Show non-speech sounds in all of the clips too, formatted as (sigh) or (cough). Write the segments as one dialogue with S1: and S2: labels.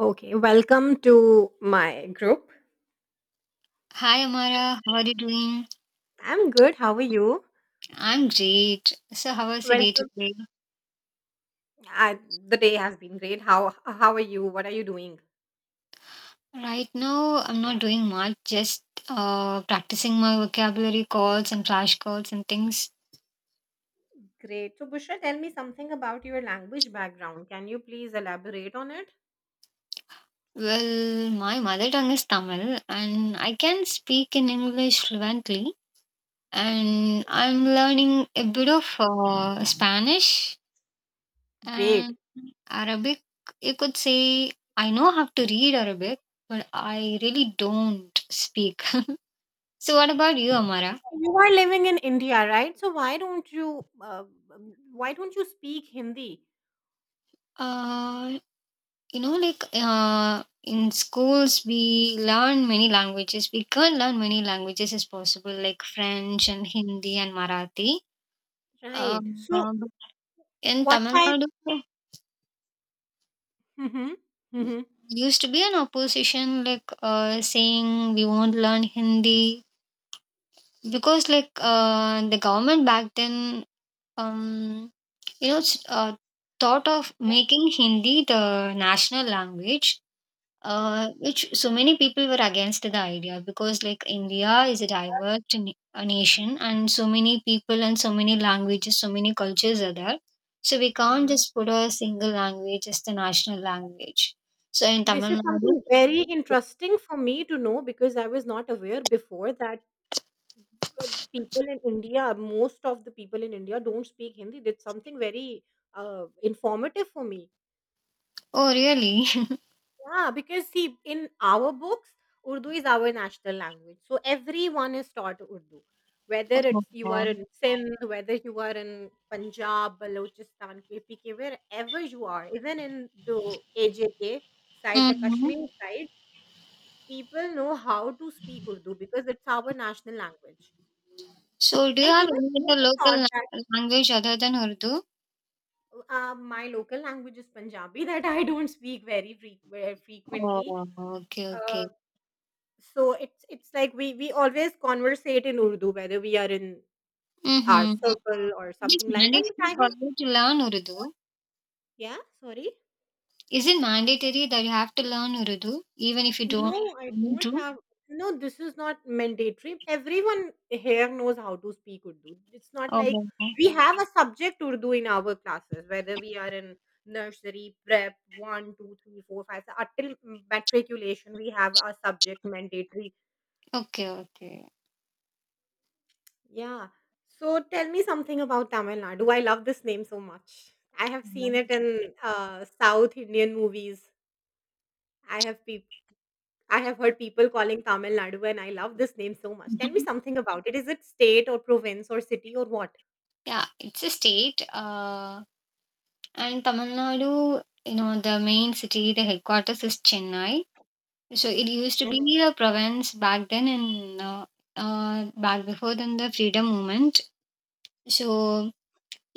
S1: Okay, welcome to my group.
S2: Hi Amara, how are you doing?
S1: I'm good. How are you?
S2: I'm great. So how was your day
S1: Welcome.
S2: today?
S1: I, the day has been great. How are you? What are you doing?
S2: Right now, I'm not doing much, just practicing my vocabulary calls and flashcards and things.
S1: Great. So, Bushra, tell me something about your language background. Can you please elaborate on it?
S2: Well, my mother tongue is Tamil and I can speak in English fluently. And I'm learning a bit of Spanish
S1: Great.
S2: and Arabic. You could say I know how to read Arabic, but I really don't speak. (laughs) So, what about you, Amara?
S1: You are living in India, right? So why don't you speak Hindi?
S2: Uh, in schools, we learn many languages. We can learn many languages as possible, like French and Hindi and Marathi.
S1: Right.
S2: Um,
S1: So
S2: uh, but in
S1: what
S2: Tamil
S1: type?
S2: Nadu, there
S1: Mm-hmm. Mm-hmm.
S2: used to be an opposition, saying we won't learn Hindi because, the government back then, um, you know, s- uh, thought of making Hindi the national language,
S1: Mm,
S2: which so many people were against the idea because, like, India is a diverse a nation and so many people and so many languages, so many cultures are there. So we can't
S1: mm.
S2: just put a single language as the national language. So in
S1: This
S2: Tamil
S1: is
S2: Nadu.
S1: something very interesting for me to know because I was not aware before that uh, people in India, most of the people in India don't speak Hindi. That's something very informative for me.
S2: Oh really? (laughs)
S1: Yeah, because see, in our books, Urdu is our national language. So everyone is taught Urdu. Whether it's you are
S2: Oh.
S1: in Sindh, whether you are in Punjab, Balochistan, KPK, wherever you are, even in the AJK side, the
S2: Hmm.
S1: Kashmir side, people know how to speak Urdu because it's our national language.
S2: So do you
S1: And
S2: have
S1: even
S2: any
S1: we are
S2: other local
S1: taught.
S2: language other than Urdu?
S1: My local language is Punjabi (laughs) that I don't speak very
S2: Oh,
S1: frequently.
S2: okay, okay.
S1: Uh, so it's like we always conversate in Urdu whether we are in our
S2: Mm-hmm.
S1: circle or
S2: Is
S1: something like that. But
S2: mandatory
S1: I
S2: for
S1: was
S2: you to learn Urdu?
S1: Yeah, sorry.
S2: Is it mandatory that you have to learn Urdu even if you
S1: No,
S2: don't
S1: I
S2: want
S1: don't
S2: to?
S1: have. No, this is not mandatory. Everyone here knows how to speak Urdu. It's not like
S2: Oh,
S1: we have a subject Urdu in our classes, whether we are in nursery, prep, one, two, three, four, five, so until matriculation, we have a subject mandatory.
S2: okay, okay.
S1: Yeah. So tell me something about Tamil Nadu. I love this name so much. I have seen it
S2: Mhm.
S1: in South Indian movies. I have people. I have heard people calling Tamil Nadu, and I love this name so much. Tell me
S2: Mhm.
S1: something about it. Is it state or province or city or what?
S2: Yeah, it's a state. And Tamil Nadu, you know, the main city, the headquarters is Chennai. So it used to
S1: Mhm.
S2: be a province back then, and back before then, the freedom movement. So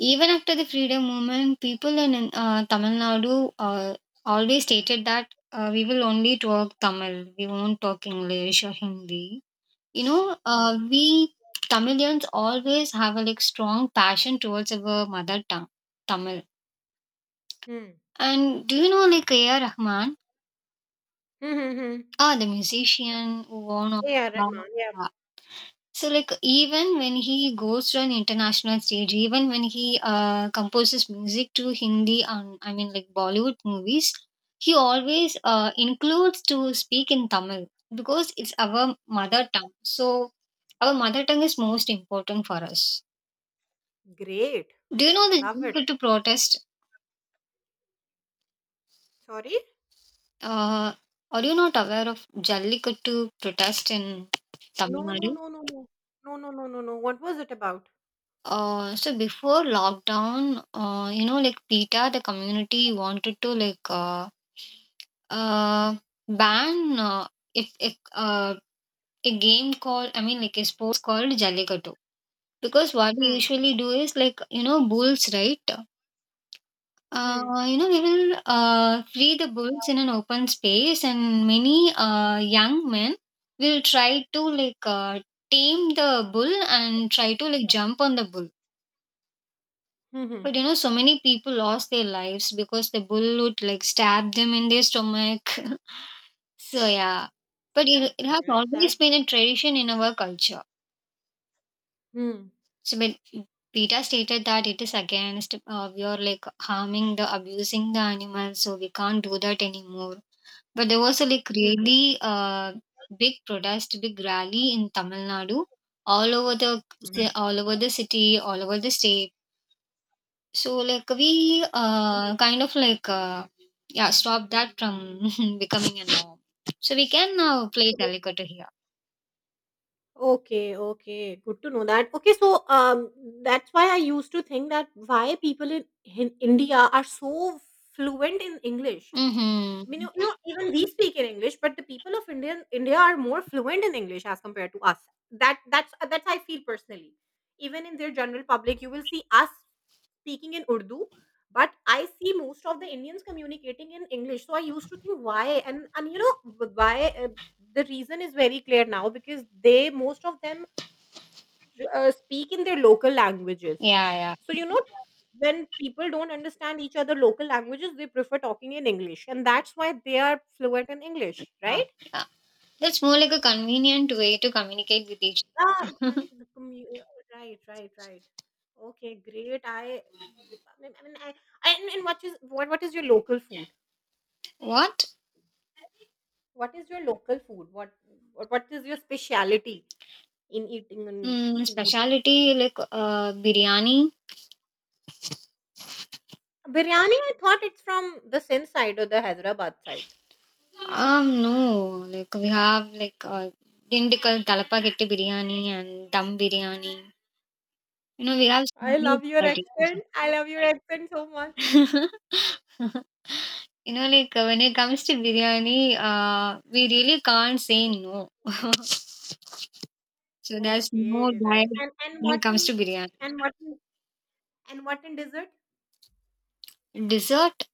S2: even after the freedom movement, people in Tamil Nadu always stated that we will only talk Tamil, we won't talk English or Hindi. You know, uh,
S1: Hmm.
S2: we Tamilians always have a like strong passion towards our mother tongue, Tamil.
S1: Hmm.
S2: And do you know like A.R. Rahman,
S1: Hmm. Hmm. Hmm.
S2: ah, the musician who won
S1: Yeah, Rahman. Yeah.
S2: Oscar? So, like, even when he goes to an international stage, even when he composes music to Hindi, I mean, like Bollywood movies, he always includes to speak in Tamil because it's our mother tongue. So, our mother tongue is most important for us.
S1: Great.
S2: Do you know the
S1: Love it.
S2: Jallikattu protest?
S1: Sorry?
S2: Uh, are you not aware of Jallikattu protest in
S1: No,
S2: Tamil
S1: no,
S2: Nadu?
S1: no, no, no. No, no, no, no, no. What was it about?
S2: So before lockdown, you know, like PETA, the community wanted to uh, ban, if a game called, I mean, like a sports called Jallikattu. Because what we
S1: Hmm.
S2: usually do is like, you know, bulls, right?
S1: Hmm.
S2: You know, we will free the bulls in an open space, and many young men will try to tame the bull and try to like jump on the bull.
S1: Hmm. Hmm.
S2: But you know, so many people lost their lives because the bullet like stabbed them in their stomach. (laughs) So yeah, but
S1: That's
S2: it has
S1: sad. That.
S2: always been a tradition in our culture.
S1: Hmm.
S2: So but Peter stated that it is against, we are like harming the abusing the animals, so we can't do that anymore. But there was a like
S1: Hmm.
S2: really big protest, big rally in Tamil Nadu, all over the all over the city, all over the state. So like we kind of like yeah stop that from (laughs) becoming a norm. So we can now play
S1: Hmm.
S2: Calicoto here.
S1: Okay, okay. Good to know that. Okay, so that's why I used to think that why in India are so fluent in English.
S2: Mm-hmm.
S1: Mean you know, even we speak in English, but the people of India are more fluent in English as compared to us. That's I feel personally. Even in their general public, you will see us speaking in Urdu, but I see most of the Indians communicating in English. So I used to think why, and you know why. The reason is very clear now because they most of them speak in their local languages.
S2: Yeah, yeah,
S1: So, you know, when people don't understand each other local languages, they prefer talking in English. And that's why they are fluent in English,
S2: yeah,
S1: right?
S2: yeah. That's more like a convenient way to communicate with each.
S1: Ah, exactly. Right, right, right. Okay, great. I mean, I mean, I- and what is what is your local food?
S2: What?
S1: What is your local food? What is your speciality in eating and
S2: Mm,
S1: food?
S2: speciality like biryani?
S1: Biryani, I thought it's from the Sindh side or the Hyderabad side.
S2: No. Like we have indical talapageti biryani and dum biryani. You know we have so
S1: I
S2: many
S1: love your accent. I love your accent so much.
S2: varieties. (laughs) You know, when it comes to biryani, we really can't say no. So there's no
S1: Okay, right.
S2: diet
S1: And
S2: when
S1: what
S2: it comes
S1: in
S2: to biryani.
S1: and what in, and what in dessert?
S2: Dessert,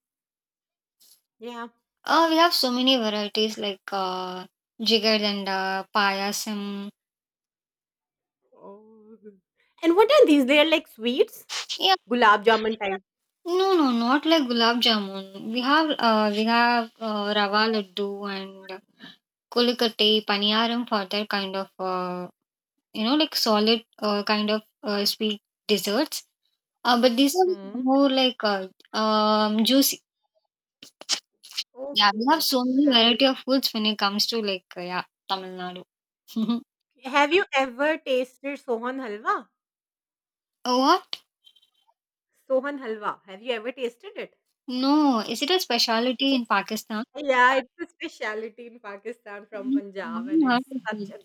S1: Yeah.
S2: we have so many varieties jigardanda, payasam.
S1: Oh. And what are these? They are like sweets,
S2: Yeah,
S1: gulab jamun type.
S2: no, no, not like gulab jamun. We have rava laddu and kolikatti, paniyaram for that kind of you know like solid kind of sweet desserts. But these are
S1: Hmm.
S2: more like juicy. Yeah, we have
S1: Okay,
S2: so many
S1: right.
S2: variety of foods when it comes to yeah, Tamil Nadu. (laughs)
S1: Have you ever tasted Sohan halwa?
S2: Oh, what?
S1: Sohan halwa. Have you ever tasted it?
S2: No, is it a specialty in
S1: It's-
S2: Pakistan?
S1: yeah, it's a specialty in Pakistan from
S2: Mm,
S1: Punjab, and
S2: I
S1: it's
S2: haven't heard of
S1: such
S2: it.
S1: a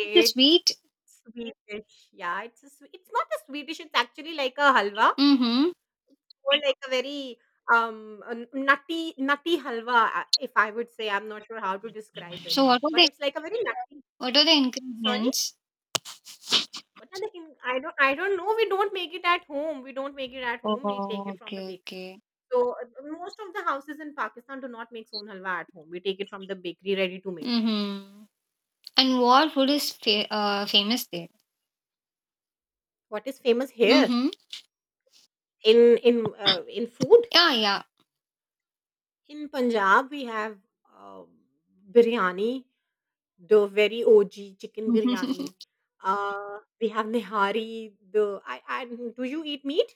S2: It's a sweet.
S1: sweet dish. Yeah, it's not a sweet dish, it's actually like a halwa
S2: Mm-hmm.
S1: or like a very, nutty halwa, if I would say. I'm not sure how to describe it,
S2: So what are
S1: but
S2: the
S1: it's like a very nutty. Sorry?
S2: ingredients?
S1: What are the thing I don't know. We don't make it at home. We don't make it at home. We take
S2: Oh,
S1: it from the
S2: okay,
S1: bakery.
S2: okay.
S1: So, most of the houses in Pakistan do not make soon halwa at home. We take it from the bakery ready to made.
S2: Mm-hmm. And what food is famous there?
S1: What is famous here
S2: Mm-hmm.
S1: in in food?
S2: Yeah, yeah.
S1: In Punjab, we have uh, biryani, the very OG chicken biryani.
S2: (laughs)
S1: We have nihari. I, do you eat meat?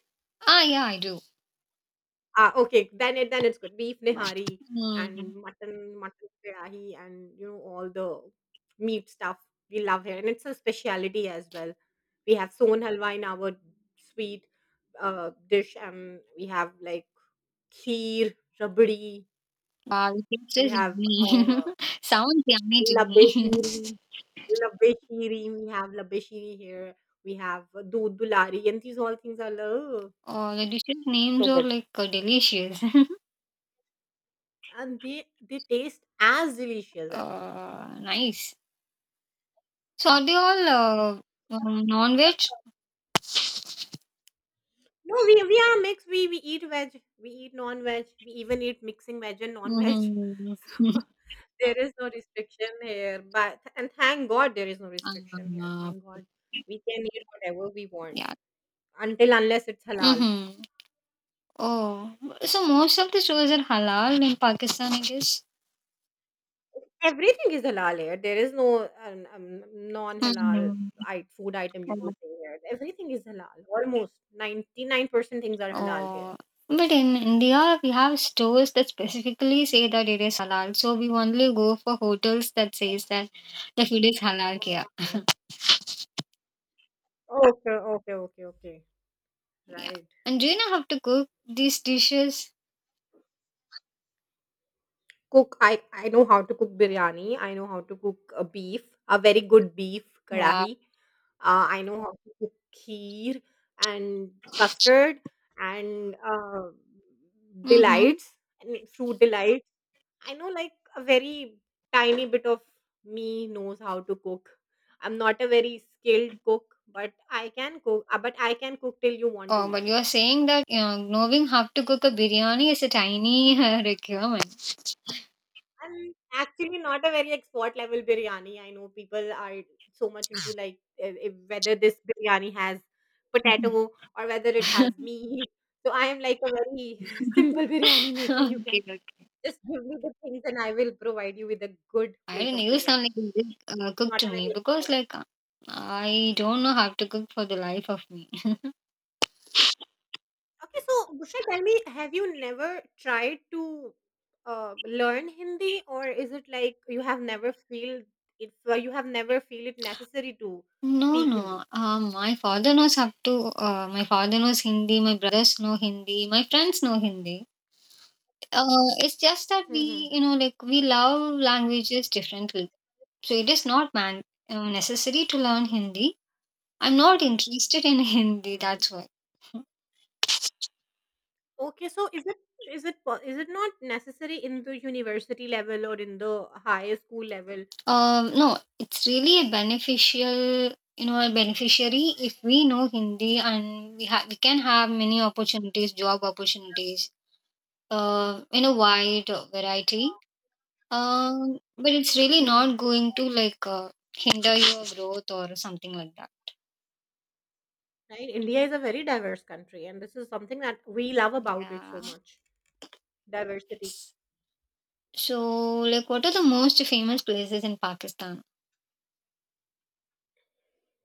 S2: Ah, yeah, I do.
S1: Ah, okay, then it's good. Beef nihari
S2: Mm.
S1: and mutton biryani, and you know all the meat stuff we love here, and it's a speciality as well. We have son halwa in our sweet dish, and we have like kheer, rabdi.
S2: Wow, it
S1: We
S2: tastes
S1: have
S2: yummy.
S1: uh,
S2: (laughs) Sounds yummy to me. (laughs)
S1: Labeshiri, Labeshiri, we have Labeshiri here. We have Doodh Dulari, and these all things are lo
S2: The dishes
S1: so
S2: names are
S1: good.
S2: like delicious. (laughs)
S1: And they taste as delicious as well.
S2: Uh, nice. So are they all non-veg?
S1: No, we are mixed. We eat veg, we eat non veg, we even eat mixing veg and non veg.
S2: Mm-hmm.
S1: (laughs) So there is no restriction here. But and thank God there is no restriction here.
S2: (laughs)
S1: Thank
S2: Uh,
S1: God we can eat whatever we want
S2: yeah.
S1: until unless it's halal.
S2: Mm-hmm. Oh, so most of the stores are halal in Pakistan, I guess.
S1: Everything is halal here. There is no non-halal
S2: Hmm.
S1: food item you will see here. Everything is halal. Almost 99% things are halal here.
S2: Oh, but in India, we have stores that specifically say that it is halal. So we only go for hotels that says that the food is halal. Yeah,
S1: Mm. Okay, okay, okay, okay.
S2: yeah.
S1: Right.
S2: And do you know how to cook these dishes?
S1: Cook. I know how to cook biryani. I know how to cook a beef, a very good beef
S2: Wow.
S1: kadahi. I know how to cook kheer and custard, and
S2: Mm-hmm.
S1: delights, and fruit delights. I know like a very tiny bit of me knows how to cook. I'm not a very skilled cook, but I can cook. But I can cook till you want to
S2: Oh,
S1: eat
S2: but
S1: it.
S2: you're saying that you knowing how to cook a biryani is a tiny requirement.
S1: I'm actually not a very expert level biryani. I know people are so much into like whether this biryani has potato
S2: (laughs)
S1: or whether it has meat. So I am like a very (laughs) simple
S2: Okay,
S1: biryani maker. You can
S2: okay.
S1: just give me the things and I will provide you with a good
S2: I
S1: plate
S2: don't know.
S1: of
S2: You sound
S1: biryani.
S2: like a good cook
S1: Not
S2: to
S1: a
S2: me
S1: very
S2: because, like, I don't know how to cook for the life of me. (laughs)
S1: Okay, so Bushra, tell me, have you never tried to learn Hindi, or is it like you have never feel it? You have never feel it necessary to
S2: No,
S1: speak Hindi.
S2: no. My father knows how to. My father knows Hindi. My brothers know Hindi. My friends know Hindi. It's just that
S1: Hmm.
S2: we, you know, like we love languages differently. So it is not man necessary to learn Hindi. I'm not interested in Hindi,
S1: Hmm.
S2: that's why.
S1: Okay, so is it not necessary in the university level or in the high school level?
S2: No, it's really a beneficial, you know, a beneficiary if we know Hindi and we have we can have many opportunities, job opportunities, in a wide variety. But it's really not
S1: Hmm.
S2: going to like hinder your growth or something like that.
S1: Right? India is a very diverse country, and this is something that we love about it so
S2: Yeah.
S1: much. Diversity.
S2: So, like, what are the most famous places in Pakistan?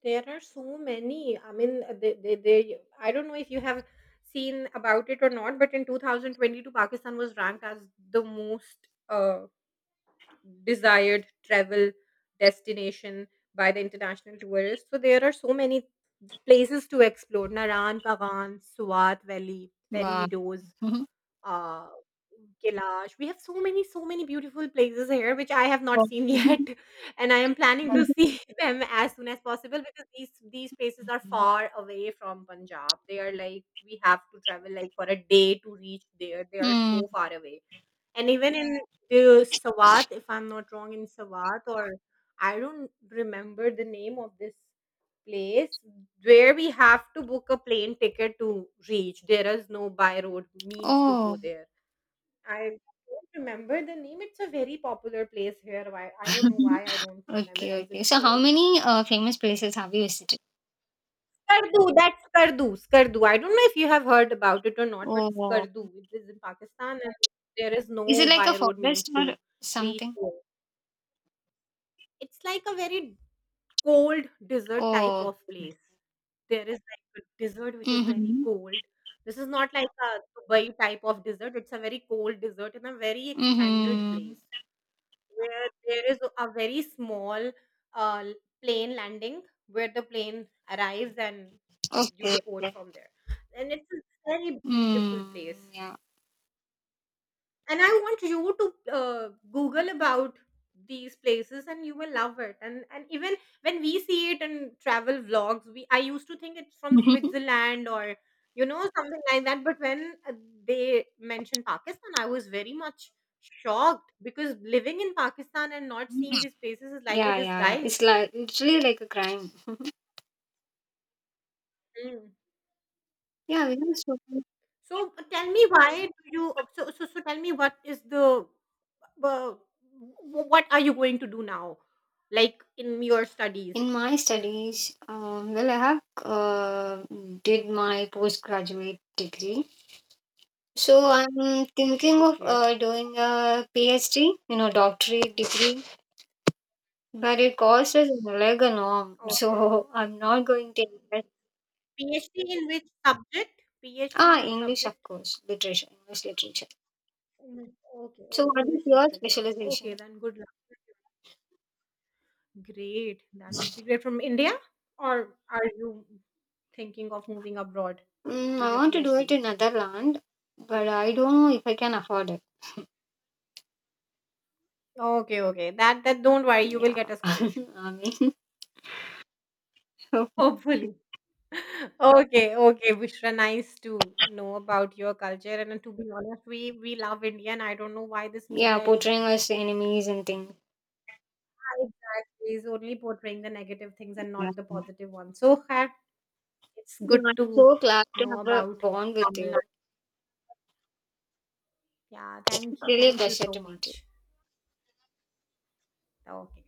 S1: There are so many. I don't know if you have seen about it or not, but in 2022, Pakistan was ranked as the most desired travel destination by the international tourists. So there are so many places to explore. Naran, Kavan, Swat Valley, Fairy
S2: Wow. (laughs)
S1: Meadows, uh, Kailash. We have so many, so many beautiful places here which I have not seen
S2: Mhm.
S1: yet,
S2: Oh.
S1: (laughs) and I am planning to
S2: (laughs)
S1: see (laughs) them as soon as possible because these places are far away from Punjab. They are like we have to travel like for a day to reach there. They are
S2: Mm.
S1: so far away. And even in the Sawat, if I'm not wrong, in Sawat, or I don't remember the name of this place where we have to book a plane ticket to reach. There is no by road means to go
S2: Oh.
S1: there. I don't remember the name. It's a very popular place here. Why I don't know why I
S2: (laughs)
S1: don't
S2: Okay,
S1: memorize
S2: okay.
S1: its
S2: So,
S1: name.
S2: how many famous places have you visited?
S1: Skardu, that's Skardu. Skardu. I don't know if you have heard about it or not, but
S2: Oh,
S1: Skardu. It is in Pakistan, and there is
S2: is
S1: no
S2: it like a
S1: by road means
S2: forest
S1: to
S2: or
S1: reach.
S2: something?
S1: It's like a very cold desert type
S2: Oh,
S1: of place. There is like a desert which is very
S2: mm-hmm.
S1: cold. This is not like a Dubai type of desert. It's a very cold desert in a very expanded
S2: Mm-hmm.
S1: place where there is a very small uh, plane landing where the plane arrives and you
S2: Okay,
S1: deport
S2: okay.
S1: from there. And it's a very beautiful place,
S2: Mm, yeah.
S1: and I want you to uh, google about these places and you will love it. And even when we see it in travel vlogs, we I used to think it's from
S2: (laughs)
S1: Switzerland or you know something like that, but when they mentioned Pakistan, I was very much shocked because living in Pakistan and not seeing these places is like a
S2: Yeah, yeah, yeah.
S1: disguise.
S2: It's like literally like a crime. Yeah, we have so many.
S1: So tell me why do you so so so tell me what is the what are you going to do now like in your studies?
S2: In my studies, well, I have did my postgraduate degree. So I'm thinking of
S1: Okay.
S2: doing a PhD, you know, doctorate degree. But it costs us an organ,
S1: Oh,
S2: so (laughs) I'm not going to invest.
S1: PhD in which subject? PhD in
S2: Ah,
S1: which
S2: English, of
S1: subject?
S2: course, literature, English literature.
S1: English. Okay,
S2: So,
S1: okay,
S2: what is
S1: English
S2: your
S1: literature. Okay,
S2: specialization?
S1: then good luck. Great. That would be great from India, or are you thinking of moving abroad
S2: Mm,
S1: for
S2: I
S1: your
S2: want to do it
S1: PhD?
S2: in Netherlands, but I don't know if I can afford it.
S1: Okay, okay. That don't worry, you will
S2: Yeah,
S1: get a
S2: (laughs)
S1: scholarship.
S2: I mean, (laughs)
S1: Hopefully. Okay, okay, Bushra, nice to know about your culture. And to be honest, we love India, and I don't know why this
S2: yeah,
S1: media is
S2: portraying us enemies and things.
S1: exactly is only portraying the negative things and
S2: Yeah,
S1: not the positive ones. It's
S2: yeah,
S1: good
S2: I'm
S1: to
S2: so glad to
S1: know
S2: have a
S1: about
S2: bond with
S1: Tamil
S2: you.
S1: Nadu. Yeah,
S2: Really a
S1: thank you
S2: pleasure
S1: so
S2: to meet you.
S1: much. Okay.